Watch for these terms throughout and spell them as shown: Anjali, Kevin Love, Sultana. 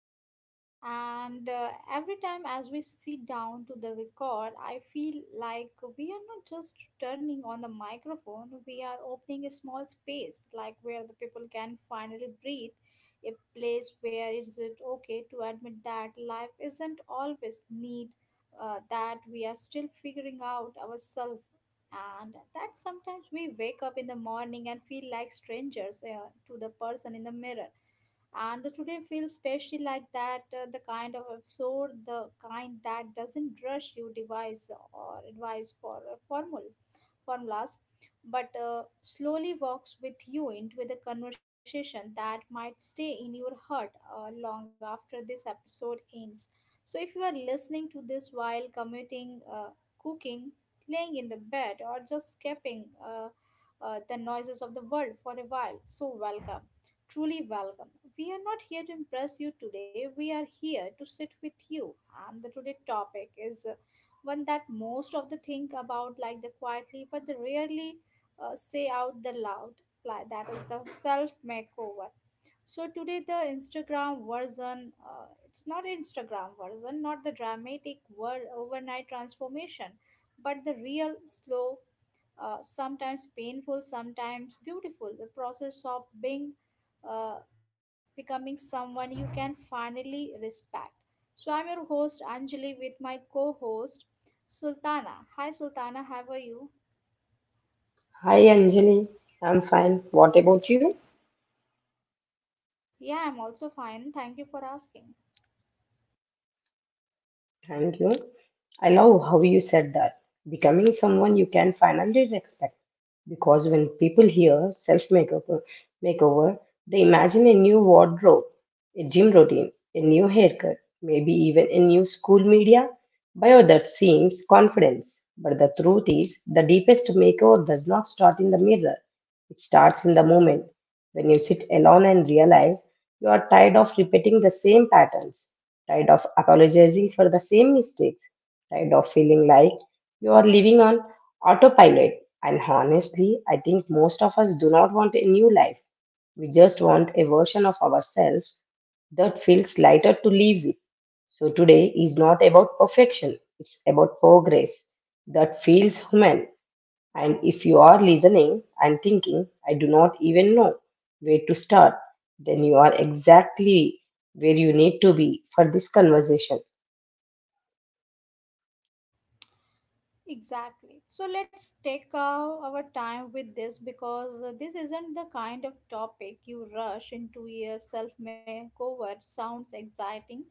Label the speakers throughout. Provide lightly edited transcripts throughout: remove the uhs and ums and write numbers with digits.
Speaker 1: hello everyone, and every time as we sit down to the record, I feel like we are not just turning on the microphone, we are opening a small space, like where the people can finally breathe, a place where is it okay to admit that life isn't always neat, that we are still figuring out ourselves, and that sometimes we wake up in the morning and feel like strangers to the person in the mirror. And the today feels specially like that, the kind of episode, the kind that doesn't rush you device or advice for a formula formulas, but slowly walks with you into the conversation that might stay in your heart long after this episode ends. So, if you are listening to this while commuting, cooking, playing in the bed, or just skipping the noises of the world for a while, so welcome. Truly welcome. We are not here to impress you today. We are here to sit with you. And the today topic is one that most of the think about like the quietly, but they rarely say out the loud, like that is the self makeover. So today the Instagram version, it's not Instagram version, not the dramatic word overnight transformation, but the real slow, sometimes painful, sometimes beautiful, the process of being, uh, becoming someone you can finally respect. So I'm your host Anjali with my co-host Sultana. Hi Sultana, how are you?
Speaker 2: Hi Anjali, I'm fine. What about you?
Speaker 1: Yeah, I'm also fine. Thank you for asking.
Speaker 2: Thank you. I love how you said that. Becoming someone you can finally respect. Because when people hear self makeover, they imagine a new wardrobe, a gym routine, a new haircut, maybe even a new school media bio that seems confidence. But the truth is, the deepest makeover does not start in the mirror. It starts in the moment when you sit alone and realize you are tired of repeating the same patterns. Tired of apologizing for the same mistakes, tired of feeling like you are living on autopilot. And honestly, I think most of us do not want a new life. We just want a version of ourselves that feels lighter to live with. So today is not about perfection, it's about progress that feels human. And if you are listening and thinking, I do not even know where to start, then you are exactly where you need to be for this conversation.
Speaker 1: Exactly. So let's take our time with this, because this isn't the kind of topic you rush into. A self makeover sounds exciting,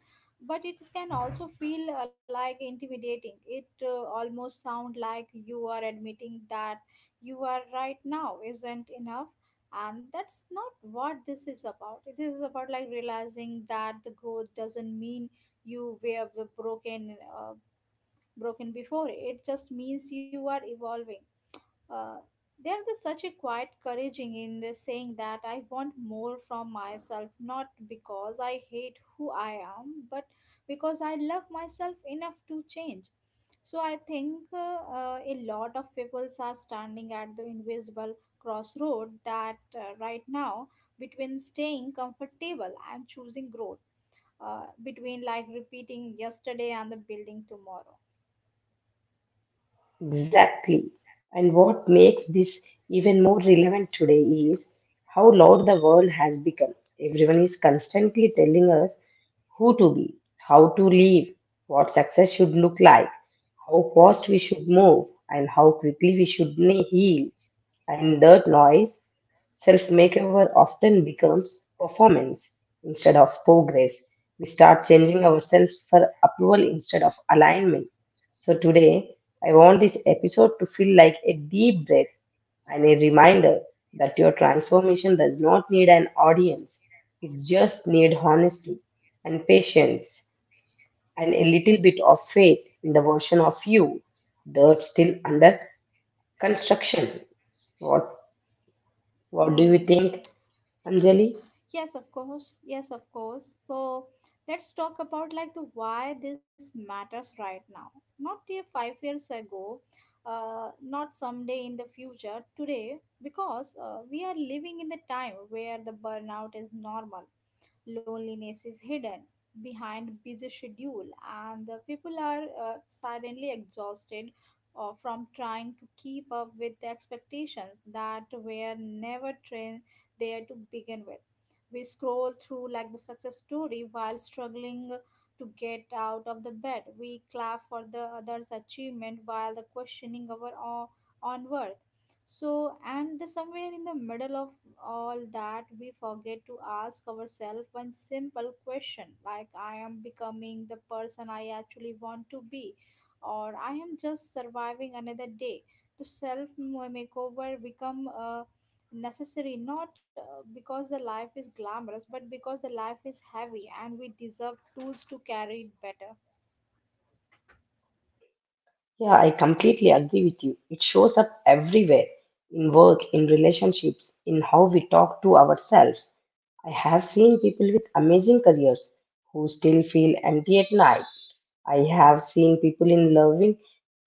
Speaker 1: but it can also feel like intimidating. It almost sound like you are admitting that you are right now isn't enough. And that's not what this is about. It is about like realizing that the growth doesn't mean you were broken. Broken before. It just means you are evolving. Uh, there is such a quiet couraging in this saying that I want more from myself, not because I hate who I am, but because I love myself enough to change. So I think a lot of people are standing at the invisible crossroad that right now, between staying comfortable and choosing growth, between like repeating yesterday and the building tomorrow.
Speaker 2: Exactly. And what makes this even more relevant today is how loud the world has become. Everyone is constantly telling us who to be, how to live, what success should look like, how fast we should move, and how quickly we should heal. And that noise, self makeover often becomes performance instead of progress. We start changing ourselves for approval instead of alignment. So today, I want this episode to feel like a deep breath and a reminder that your transformation does not need an audience. It just needs honesty and patience and a little bit of faith in the version of you that's still under construction. What what do you
Speaker 1: Hmm.
Speaker 2: think, Anjali?
Speaker 1: Yes, of course. Yes, of course. So let's talk about like the why this matters right now. Not the 5 years ago, not someday in the future, today, because we are living in the time where the burnout is normal, loneliness is hidden behind busy schedule, and the people are silently exhausted from trying to keep up with the expectations that were never trained there to begin with. We scroll through like the success story while struggling to get out of the bed. We clap for the other's achievement while the questioning own worth. So, and the, somewhere in the middle of all that we forget to ask ourselves one simple question, like I am becoming the person I actually want to be, or I am just surviving another day. The self makeover become necessary, not because the life is glamorous, but because the life is heavy and we deserve tools to carry it better.
Speaker 2: Yeah, I completely agree with you. It shows up everywhere in work, in relationships, in how we talk to ourselves. I have seen people with amazing careers who still feel empty at night. I have seen people in loving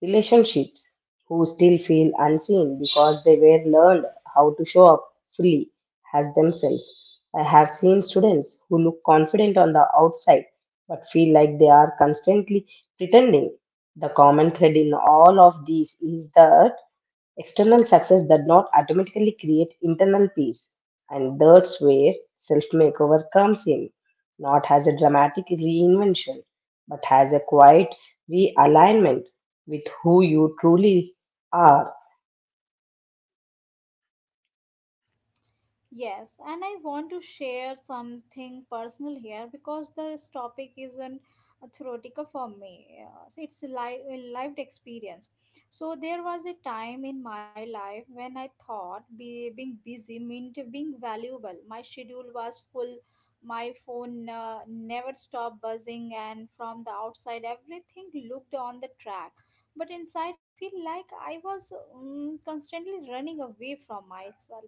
Speaker 2: relationships who still feel unseen because they were learned how to show up fully as themselves. I have seen students who look confident on the outside but feel like they are constantly pretending. The common thread in all of these is that external success does not automatically create internal peace, and that's where self makeover comes in, not as a dramatic reinvention, but as a quiet realignment with who you truly are.
Speaker 1: Yes, and I want to share something personal here because this topic isn't a theoretical for me. So it's a life, lived experience. So there was a time in my life when I thought being busy meant being valuable. My schedule was full. My phone never stopped buzzing, and from the outside, everything looked on the track. But inside, I feel like I was constantly running away from myself.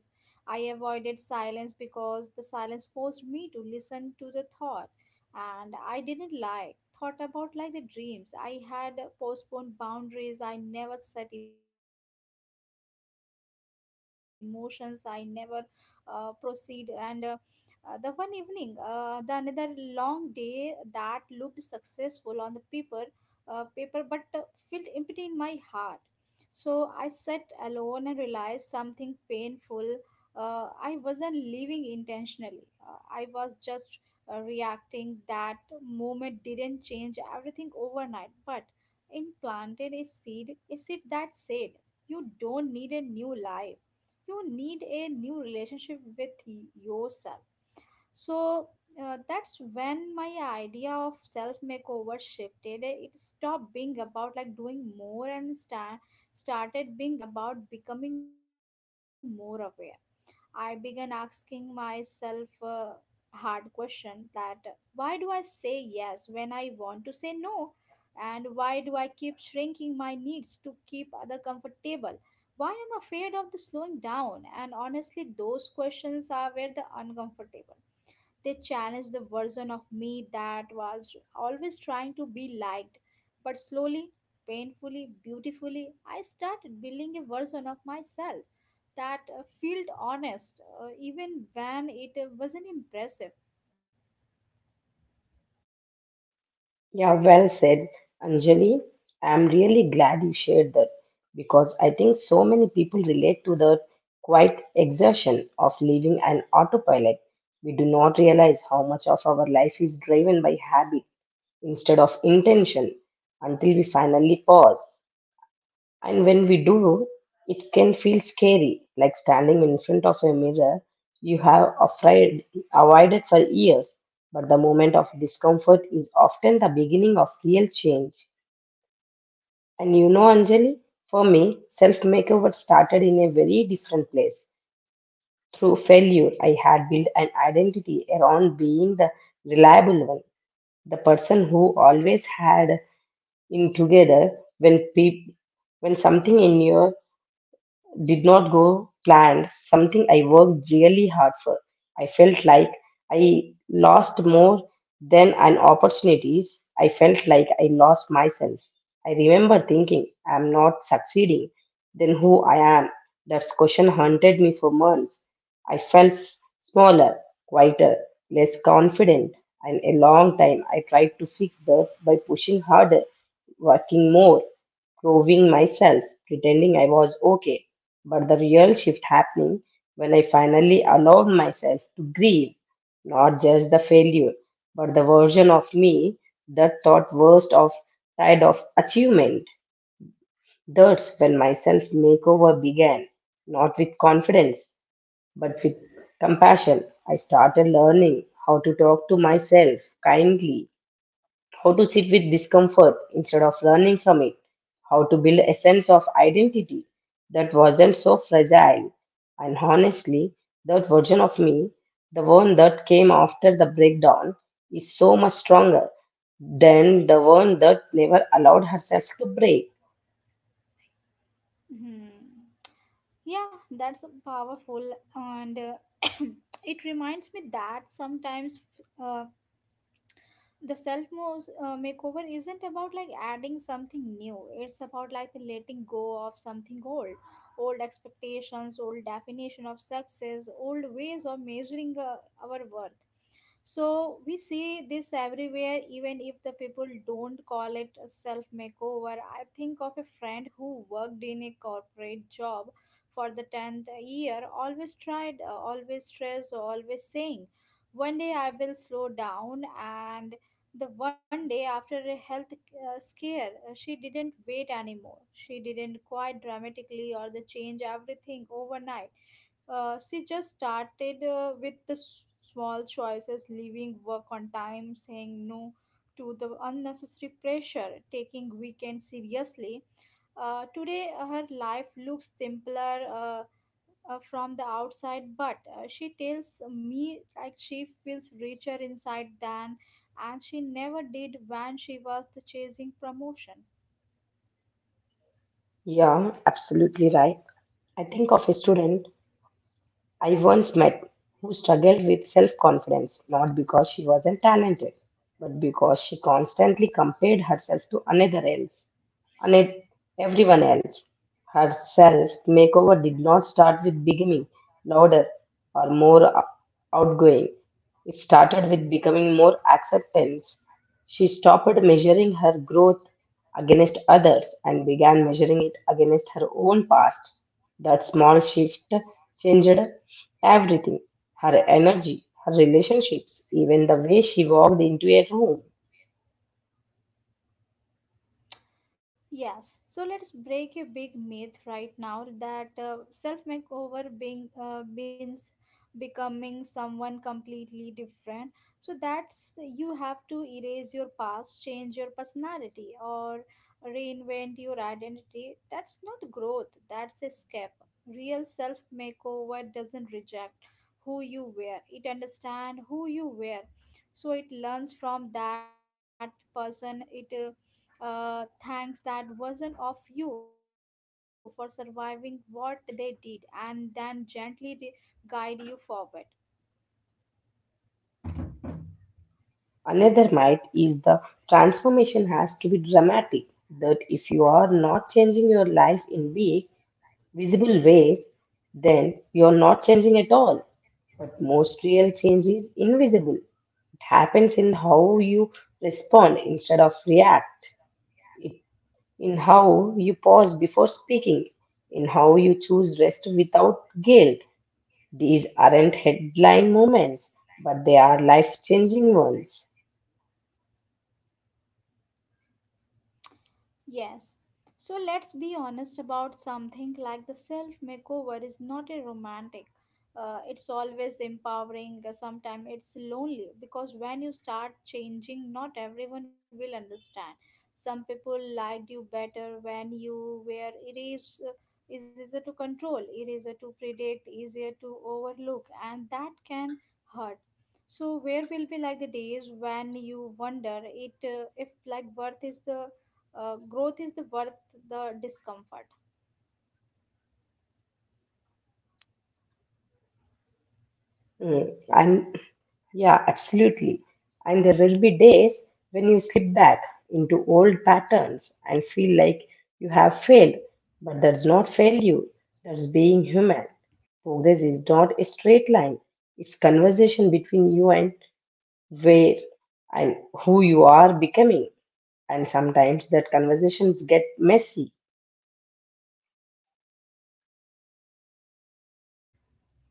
Speaker 1: I avoided silence because the silence forced me to listen to the thought, and I didn't like. Thought about like the dreams I had postponed, boundaries I never set, emotions I never proceed. And the one evening, the another long day that looked successful on the paper, but felt empty in my heart. So I sat alone and realized something painful. I wasn't living intentionally. I was just reacting. That moment didn't change everything overnight, but it planted a seed that said, you don't need a new life, you need a new relationship with yourself. So that's when my idea of self makeover shifted. It stopped being about like doing more, started being about becoming more aware. I began asking myself a hard question, that why do I say yes when I want to say no? And why do I keep shrinking my needs to keep other comfortable? Why am I afraid of the slowing down? And honestly, those questions are where the uncomfortable. They challenged the version of me that was always trying to be liked. But slowly, painfully, beautifully, I started building a version of myself that felt honest, even when it wasn't impressive.
Speaker 2: Yeah, well said, Anjali. I'm really glad you shared that because I think so many people relate to the quiet exertion of living an autopilot. We do not realize how much of our life is driven by habit instead of intention until we finally pause. And when we do, it can feel scary, like standing in front of a mirror you have afraid, avoided for years. But the moment of discomfort is often the beginning of real change. And you know, Anjali, for me, self makeover started in a very different place. Through failure, I had built an identity around being the reliable one, the person who always had in together when peop when something in your did not go planned, something I worked really hard for. I felt like I lost more than an opportunities. I felt like I lost myself. I remember thinking, I'm not succeeding. Then who I am? That question haunted me for months. I felt smaller, quieter, less confident. And a long time I tried to fix that by pushing harder, working more, proving myself, pretending I was okay. But the real shift happening when I finally allowed myself to grieve, not just the failure, but the version of me that thought worst of side of achievement. That's when my self makeover began, not with confidence, but with compassion. I started learning how to talk to myself kindly, how to sit with discomfort instead of running from it, how to build a sense of identity that wasn't so fragile. And honestly, that version of me, the one that came after the breakdown, is so much stronger than the one that never allowed herself to break.
Speaker 1: Hmm. Yeah, that's powerful, and it reminds me that sometimes uh, the self makeover isn't about like adding something new, it's about like the letting go of something old. Old expectations, old definition of success, old ways of measuring our worth. So we see this everywhere, even if the people don't call it a self makeover. I think of a friend who worked in a corporate job for the 10th year, always tried, always stressed, always saying one day I will slow down. And the one day after a health scare, she didn't wait anymore. She didn't quite dramatically or the change everything overnight. She just started with the small choices, leaving work on time, saying no to the unnecessary pressure, taking weekends seriously. Today, her life looks simpler, from the outside, but she tells me like she feels richer inside than and she never did when she was chasing promotion.
Speaker 2: Yeah, absolutely right. I think of a student I once met who struggled with self confidence not because she wasn't talented, but because she constantly compared herself to another else, and everyone else. Her self makeover did not start with becoming louder or more outgoing. It started with becoming more acceptance. She stopped measuring her growth against others and began measuring it against her own past. That small shift changed everything, her energy, her relationships, even the way she walked into a room.
Speaker 1: Yes, so let's break a big myth right now, that self makeover being means becoming someone completely different. So that's you have to erase your past, change your personality, or reinvent your identity. That's not growth, that's escape. Real self makeover doesn't reject who you were, it understands who you were. So it learns from that person, it thanks that version of you for surviving what they did and then gently guide you forward.
Speaker 2: Another myth is the transformation has to be dramatic, that if you are not changing your life in big, visible ways, then you are not changing at all. But most real change is invisible. It happens in how you respond instead of react, it, in how you pause before speaking, in how you choose rest without guilt. These aren't headline moments, but they are life changing ones.
Speaker 1: Yes. So let's be honest about something, like the self makeover is not a romantic. It's always empowering, sometimes it's lonely, because when you start changing, not everyone will understand. Some people liked you better when you were erased, is easier to control, easier to predict, easier to overlook, and that can hurt. So where will be like the days when you wonder it, if like worth is the growth is the worth the discomfort.
Speaker 2: Mm. And Yeah, absolutely. And there will be days when you slip back into old patterns and feel like you have failed. But that's not failure, that's being human. Progress is not a straight line, it's conversation between you and where and who you are becoming. And sometimes that conversations get messy.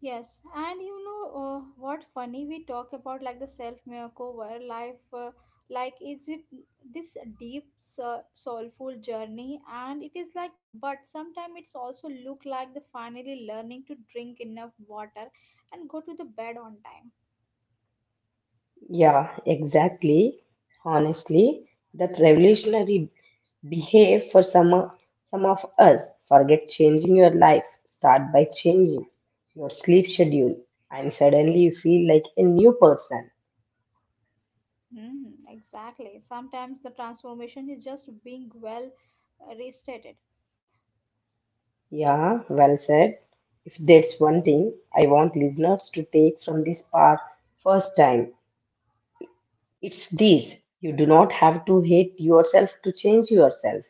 Speaker 1: Yes, and you know, what funny, we talk about like the self makeover life, like is it this deep soulful journey, and it is like, but sometimes it's also look like the finally learning to drink enough water and go to the bed on time.
Speaker 2: Yeah, exactly. Honestly, that revolutionary behave for some of us forget changing your life start by changing your sleep schedule and suddenly you feel like a new person.
Speaker 1: Hmm. Exactly, sometimes the transformation is just being well, restated.
Speaker 2: Yeah, well said. If there's one thing I want listeners to take from this part first time, it's this: you do not have to hate yourself to change yourself.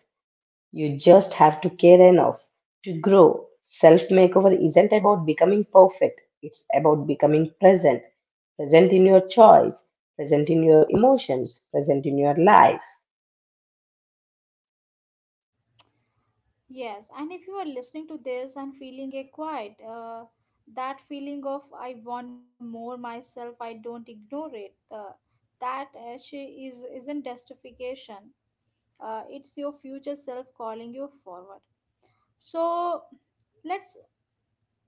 Speaker 2: You just have to care enough to grow. Self makeover isn't about becoming perfect, it's about becoming present. Present in your choice, present in your emotions, present in your life.
Speaker 1: Yes, and if you are listening to this and feeling a quiet, that feeling of I want more myself, I don't ignore it. That actually is isn't justification. It's your future self calling you forward. So let's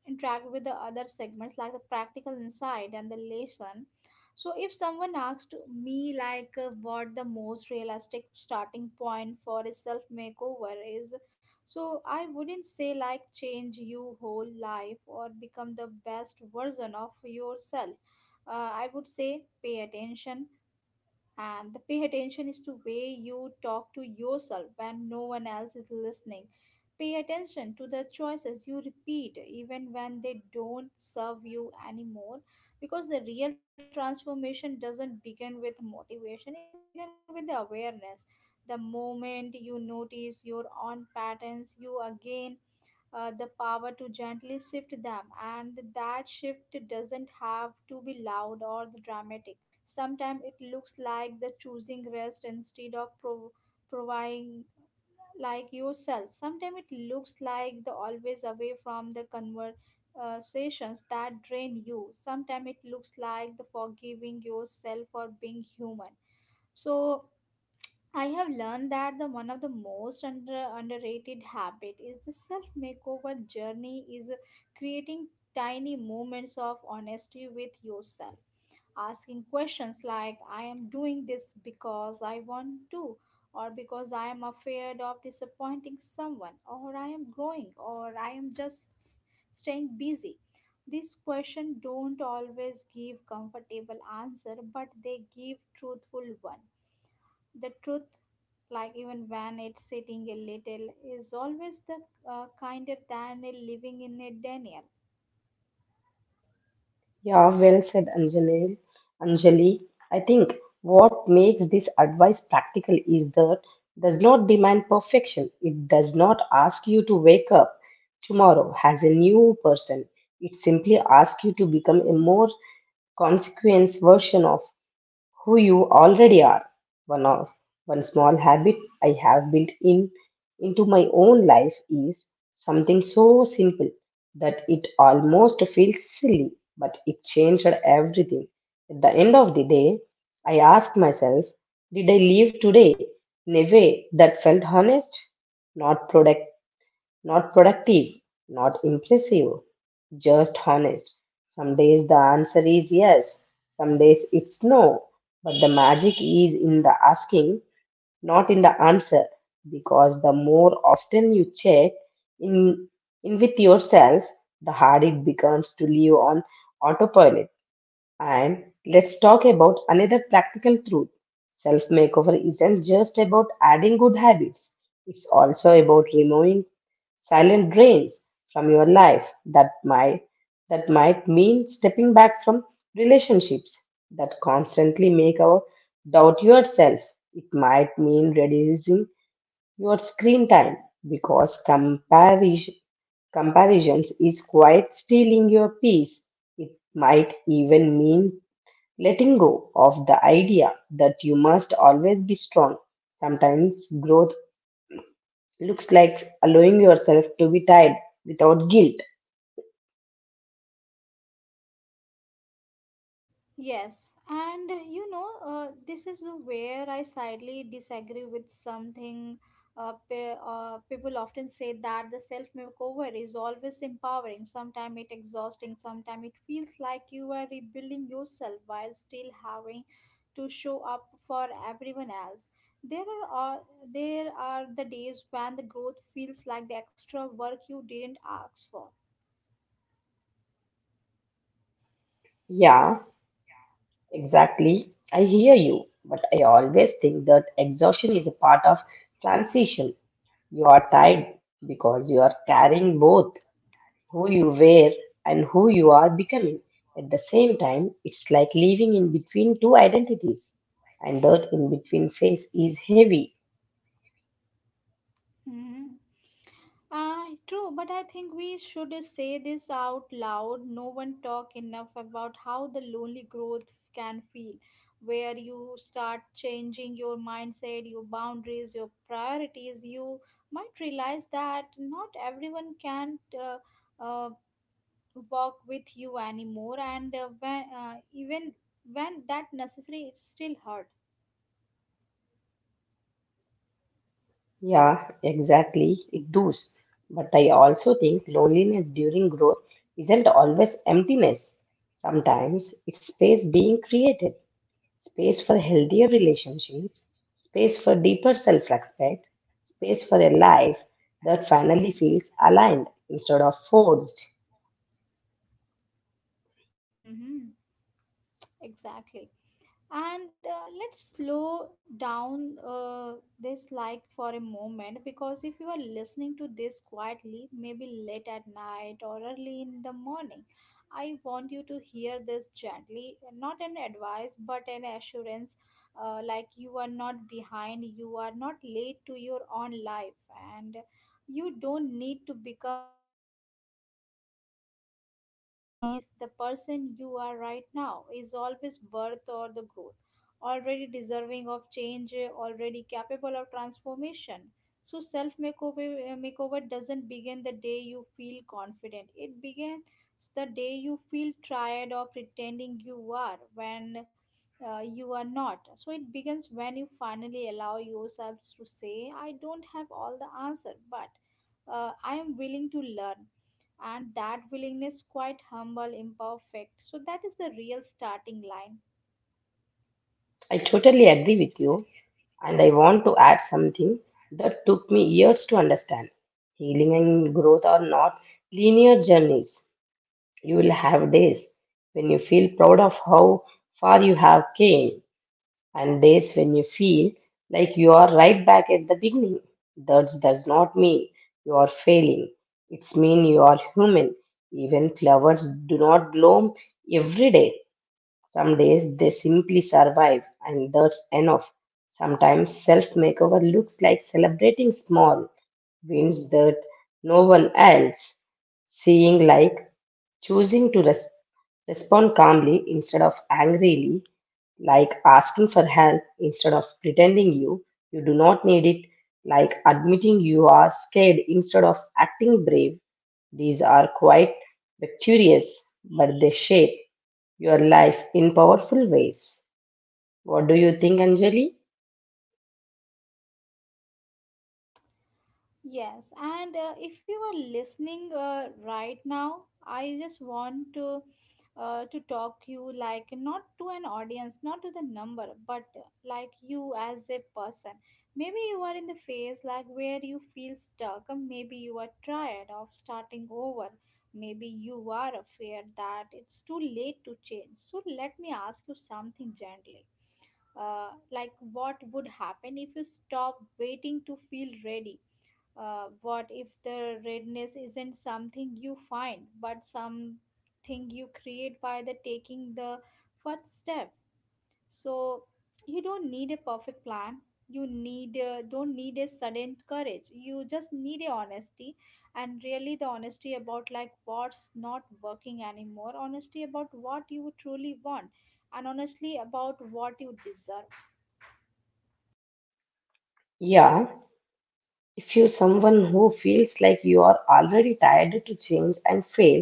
Speaker 1: interact with the other segments, like the practical insight and the lesson. So if someone asked me like what the most realistic starting point for a self makeover is, so I wouldn't say like change you whole life or become the best version of yourself. I would say pay attention. And the pay attention is to way you talk to yourself when no one else is listening. Pay attention to the choices you repeat even when they don't serve you anymore, because the real transformation doesn't begin with motivation, it begins with the awareness. The moment you notice your own patterns, you again the power to gently shift them, and that shift doesn't have to be loud or dramatic. Sometimes it looks like the choosing rest instead of providing like yourself. Sometimes it looks like the always away from the conversations that drain you. Sometimes it looks like the forgiving yourself for being human. So I have learned that the one of the most under, underrated habit is the self makeover journey is creating tiny moments of honesty with yourself, asking questions like, I am doing this because I want to, or because I am afraid of disappointing someone, or I am growing, or I am just staying busy. These questions don't always give comfortable answer, but they give truthful one. The truth, like even when it's sitting a little, is always the kinder than a living in a denial.
Speaker 2: Yeah, well said, Anjali. Anjali, I think what makes this advice practical is that does not demand perfection. It does not ask you to wake up tomorrow as a new person. It simply asks you to become a more consequence version of who you already are. One of One small habit I have built in into my own life is something so simple that it almost feels silly, but it changed everything. At the end of the day, I asked myself, did I live today in a way that felt honest, not product, not productive, not impressive? Just honest. Some days the answer is yes, some days it's no. But the magic is in the asking, not in the answer. Because the more often you check in, in with yourself, the harder it becomes to live on autopilot. And let's talk about another practical truth. Self makeover isn't just about adding good habits, it's also about removing silent drains from your life. That might that might mean stepping back from relationships that constantly make our doubt yourself. It might mean reducing your screen time because comparisons is quite stealing your peace. It might even mean letting go of the idea that you must always be strong. Sometimes growth looks like allowing yourself to be tired without guilt.
Speaker 1: Yes, and this is the where I slightly disagree with something. People often say that the self makeover is always empowering. Sometimes it exhausting. Sometimes it feels like you are rebuilding yourself while still having to show up for everyone else. There are uh, there are the days when the growth feels like the extra work you didn't ask for.
Speaker 2: Yeah, exactly. I hear you, but I always think that exhaustion is a part of transition. You are tired because you are carrying both who you were and who you are becoming. At the same time, it's like living in between two identities, and that in between phase is heavy.
Speaker 1: Mhm. True, but I think we should say this out loud. No one talk enough about how the lonely growth can feel, where you start changing your mindset, your boundaries, your priorities. You might realize that not everyone can uh, walk with you anymore, and when even when that necessary, it still hurt.
Speaker 2: Yeah, exactly. It does. But I also think loneliness during growth isn't always emptiness. Sometimes it's space being created, space for healthier relationships, space for deeper self respect, space for a life that finally feels aligned instead of forced.
Speaker 1: Mm-hmm. Exactly. And let's slow down this like for a moment, because if you are listening to this quietly, maybe late at night or early in the morning, I want you to hear this gently, not an advice but an assurance. Like, you are not behind, you are not late to your own life, and you don't need to become someone else to it. Deserve peace, the person you are right now is always worth or the growth, already deserving of change, already capable of transformation. So self makeover makeover doesn't begin the day you feel confident. It begins the day you feel tired of pretending you are when you are not. So it begins when you finally allow yourselves to say, I don't have all the answer, but I am willing to learn, and that willingness quite humble imperfect, so that is the real starting line.
Speaker 2: I totally agree with you, and I want to add something that took me years to understand. Healing and growth are not linear journeys. You will have days when you feel proud of how far you have came, and days when you feel like you are right back at the beginning. That does not mean you are failing. It's mean you are human. Even flowers do not bloom every day. Some days they simply survive, and that's enough. Sometimes self makeover looks like celebrating small wins that no one else, seeing like choosing to respect, respond calmly instead of angrily, like asking for help instead of pretending you do not need it, like admitting you are scared instead of acting brave. These are quite victorious, but they shape your life in powerful ways. What do you think, Anjali?
Speaker 1: Yes, and if you are listening right now, I just want to talk you like, not to an audience, not to the number, but like you as a person. Maybe you are in the phase like where you feel stuck, or maybe you are tired of starting over, maybe you are afraid that it's too late to change. So let me ask you something gently. Like, what would happen if you stop waiting to feel ready? What if the readiness isn't something you find, but something you create by the taking the first step? So you don't need a perfect plan, you need don't need a sudden courage, you just need a honesty. And really, the honesty about like what's not working anymore, honesty about what you truly want, and honestly about what you deserve.
Speaker 2: Yeah, if you're someone who feels like you are already tired to change and fail,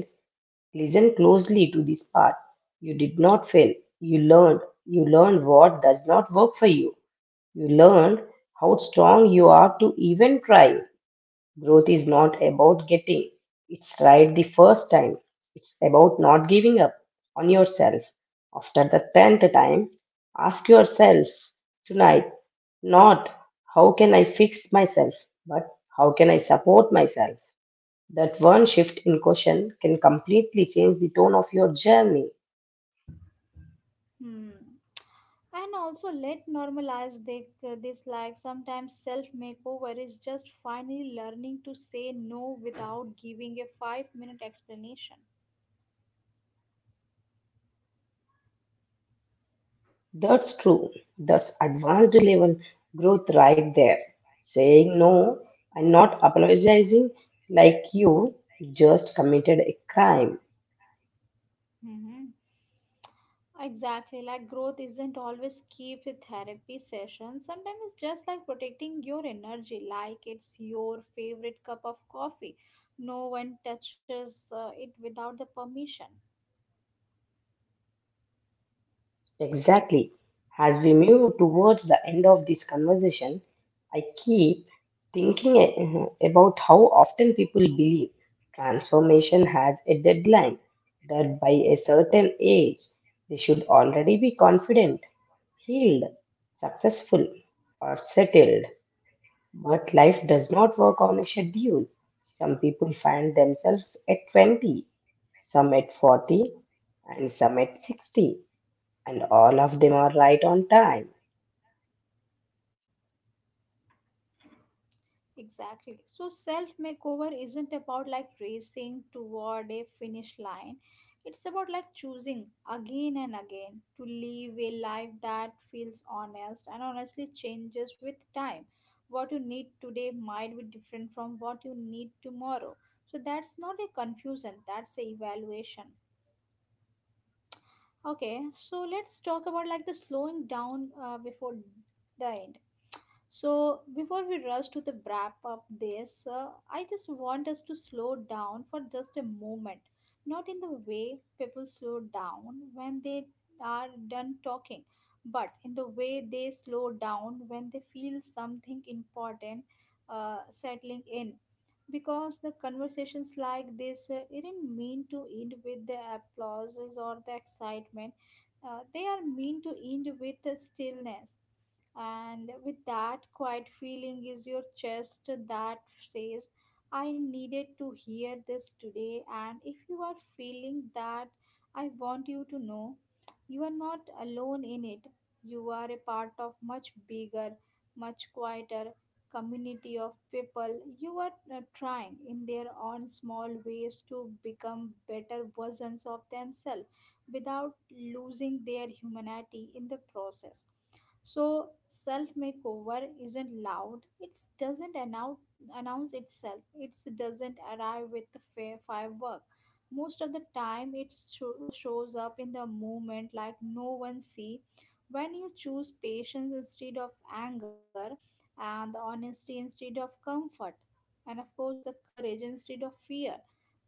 Speaker 2: listen closely to this part. You did not fail. You learned. You learned what does not work for you. You learned how strong you are to even try. Growth is not about getting it's right the first time. It's about not giving up on yourself. After the 10th time, ask yourself tonight not how can I fix myself, but how can I support myself? That one shift in question can completely change the tone of your journey.
Speaker 1: Hmm. And also let normalize this like sometimes self makeover is just finally learning to say no without giving a 5-minute explanation.
Speaker 2: That's true. That's advanced level growth right there. Saying no and not apologizing like you just committed a crime.
Speaker 1: Hmm. Exactly, like growth isn't always keep with therapy session. Sometimes it's just like protecting your energy, like it's your favorite cup of coffee. No one touches it without the permission.
Speaker 2: Exactly. As we move towards the end of this conversation, I keep thinking about how often people believe transformation has a deadline, that by a certain age, they should already be confident, healed, successful, or settled. But life does not work on a schedule. Some people find themselves at 20, some at 40, and some at 60, and all of them are right on time.
Speaker 1: Exactly. So self makeover isn't about like racing toward a finish line. It's about like choosing again and again to live a life that feels honest, and honestly changes with time. What you need today might be different from what you need tomorrow. So that's not a confusion, that's a evaluation. Okay, so let's talk about like the slowing down before the end. So, before we rush to the wrap up this, I just want us to slow down for just a moment. Not in the way people slow down when they are done talking, but in the way they slow down when they feel something important settling in. Because the conversations like this didn't mean to end with the applauses or the excitement, they are meant to end with the stillness, and with that quiet feeling is your chest that says, I needed to hear this today. And if you are feeling that, I want you to know you are not alone in it. You are a part of much bigger, much quieter community of people you are trying in their own small ways to become better versions of themselves without losing their humanity in the process. So self makeover isn't loud. It doesn't announce itself. It doesn't arrive with firework. Most of the time, it shows up in the moment like no one see. When you choose patience instead of anger, and the honesty instead of comfort, and of course the courage instead of fear,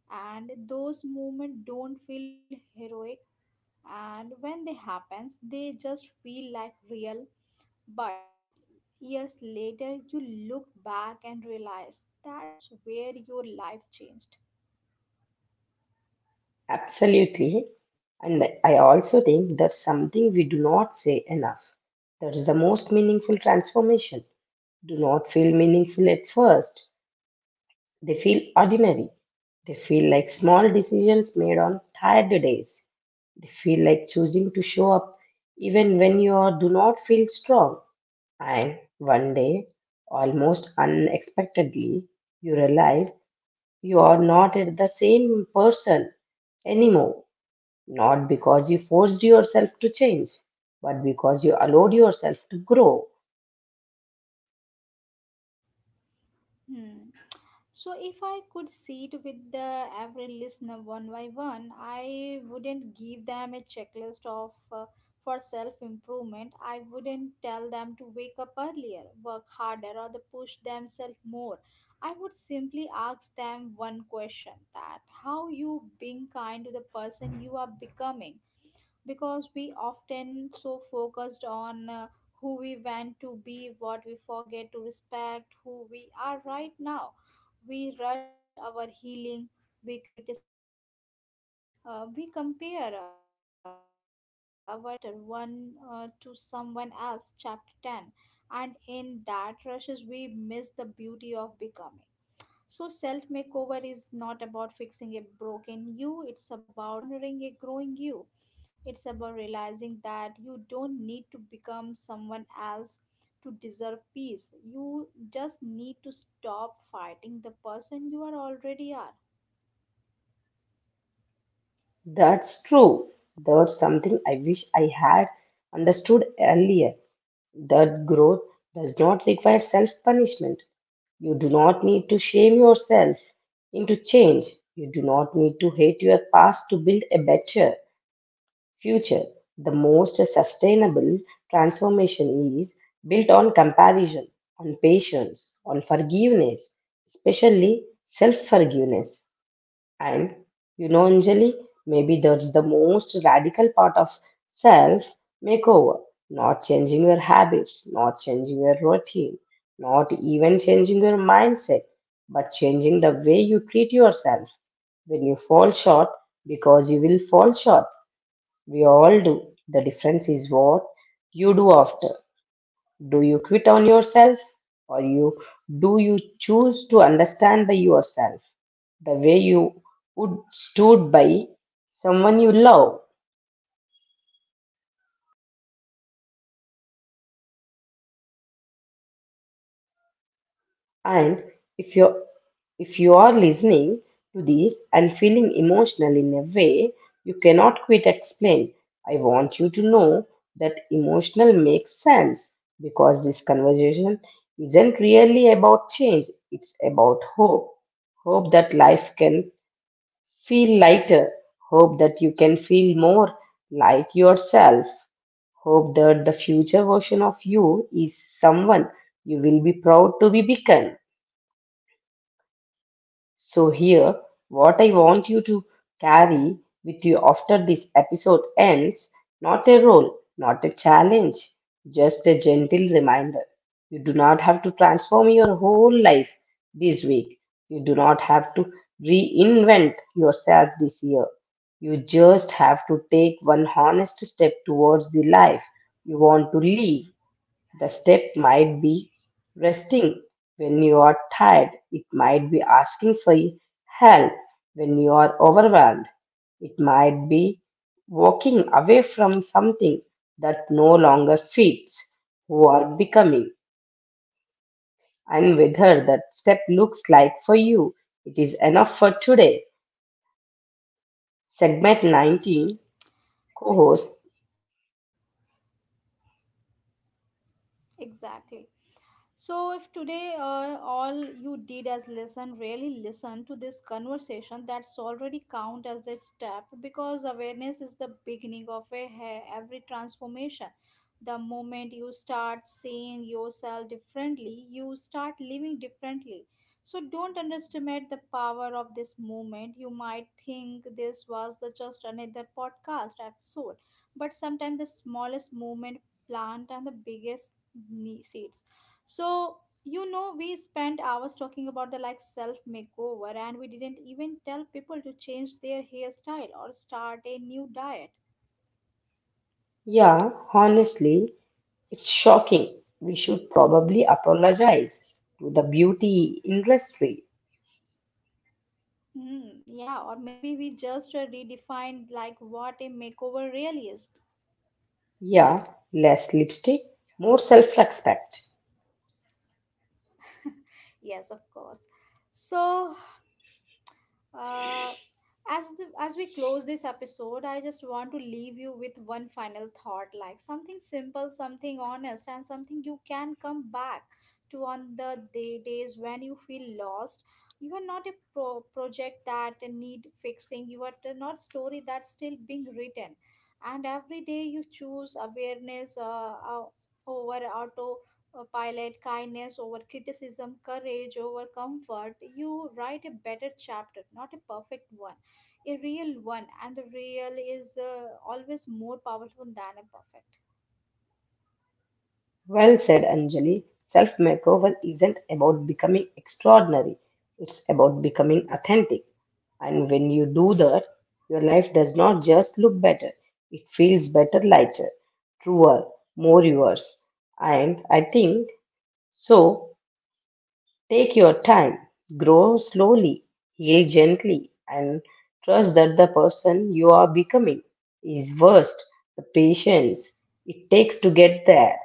Speaker 1: and those moments don't feel heroic. And when they happens, they just feel like real, but years later, you look back and realize that's where your life changed.
Speaker 2: Absolutely. And I also think that's something we do not say enough. That's the most meaningful transformation. Do not feel meaningful at first. They feel ordinary. They feel like small decisions made on tired days. They feel like choosing to show up even when you are, do not feel strong. And one day, almost unexpectedly, you realize you are not the same person anymore, not because you forced yourself to change, but because you allowed yourself to grow.
Speaker 1: Hmm. So, if I could sit with the every listener one by one, I wouldn't give them a checklist of for self improvement. I wouldn't tell them to wake up earlier, work harder, or to push themselves more. I would simply ask them one question: that how you being kind to the person you are becoming, because we often so focused on who we want to be what we forget to respect who we are right now. We rush our healing, we criticize our pace, we compare our chapter 1 to someone else chapter 10, and in that rushes we miss the beauty of becoming. So self makeover is not about fixing a broken you, it's about honoring a growing you. It's about realizing that you don't need to become someone else to deserve peace. You just need to stop fighting the person you are already are.
Speaker 2: That's true. That's something I wish I had understood earlier. That growth does not require self punishment. You do not need to shame yourself into change. You do not need to hate your past to build a better future. The most sustainable transformation is built on comparison, on patience, on forgiveness, especially self forgiveness. And you know, Anjali, maybe that's the most radical part of self makeover, not changing your habits, not changing your routine, not even changing your mindset, but changing the way you treat yourself when you fall short, because you will fall short, we all do. The difference is what you do after. Do you quit on yourself, or you do you choose to understand by yourself the way you would stood by someone you love? And if you're if you are listening to this and feeling emotional in a way you cannot quite explain, I want you to know that emotional makes sense, because this conversation isn't really about change, it's about hope. Hope that life can feel lighter, hope that you can feel more like yourself, hope that the future version of you is someone you will be proud to be become. So, here,
Speaker 1: Yes.
Speaker 2: what I
Speaker 1: And
Speaker 2: want
Speaker 1: you
Speaker 2: you
Speaker 1: know
Speaker 2: to
Speaker 1: what? So there,
Speaker 2: carry with you
Speaker 1: yeah,
Speaker 2: after this episode ends, not a role, not a challenge, just a gentle reminder. You do not have to transform your whole life this week. You do not have to reinvent yourself this year. You just have to take one honest step towards the life you want to live. The step might be resting when you are tired. It might be asking for help when you are overwhelmed. It might be walking away from something that no longer fits who are becoming, and whether that step looks like for you. It is enough for today. Segment 19 co host.
Speaker 1: exactly. So, if today all you did as listen, really listen to this conversation, that's already count as a step, because awareness is the beginning of a every transformation. The moment you start seeing yourself differently, you start living differently. So, don't underestimate the power of this moment. You might think this was the just another podcast episode, but sometimes the smallest movement plant and the biggest seeds. So, you know, we spent hours talking about the like self makeover, and we didn't even tell people to change their hairstyle or start a new diet.
Speaker 2: Yeah, honestly, it's shocking. We should probably apologize to the beauty industry.
Speaker 1: Hmm, yeah, or maybe we just redefined like what a makeover really is.
Speaker 2: Yeah, less lipstick, more self respect.
Speaker 1: Yes, of course. So, Uh, as we close this episode, I just want to leave you with one final thought, like something simple, something honest, and something you can come back to on the days when you feel lost. You are not a project that need fixing. You are not story that's still being written, and every day you choose awareness uh, over auto pilot, kindness over criticism, courage over comfort, you write a better chapter, not a perfect one, a real one. And the real is always more powerful than a perfect.
Speaker 2: Well said, Anjali. Self makeover isn't about becoming extraordinary, it's about becoming authentic. And when you do that, your life does not just look better, it feels better, lighter, truer, more yours. And I think so. Take your time, grow slowly, heal gently, and trust that the person you are becoming is worth the patience it takes to get there.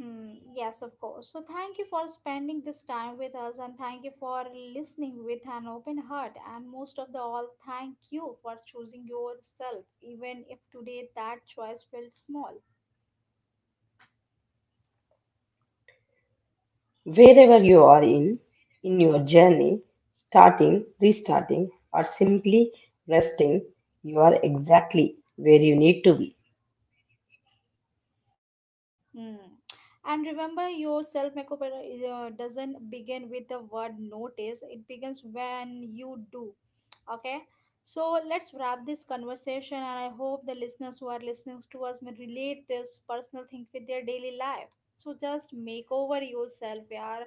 Speaker 1: Hmm, yes, of course. So, thank you for spending this time with us, and thank you for listening with an open heart. And most of the all, thank you for choosing yourself, even if today that choice felt small.
Speaker 2: Wherever you are in your journey, starting, restarting, or simply resting, you are exactly where you need to be.
Speaker 1: Hmm. And remember, your self makeup doesn't begin with the word notice, it begins when you do. Okay, so let's wrap this conversation, and I hope the listeners who are listening to us may relate this personal thing with their daily life. So just make over yourself, yeah,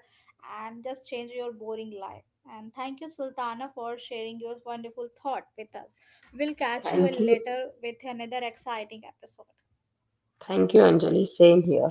Speaker 1: and just change your boring life. And thank you, Sultana, for sharing your wonderful thought with us. We'll catch you
Speaker 2: Thank you.
Speaker 1: later with another exciting episode.
Speaker 2: Thank
Speaker 1: Thank
Speaker 2: you,
Speaker 1: you.
Speaker 2: Anjali. Same here.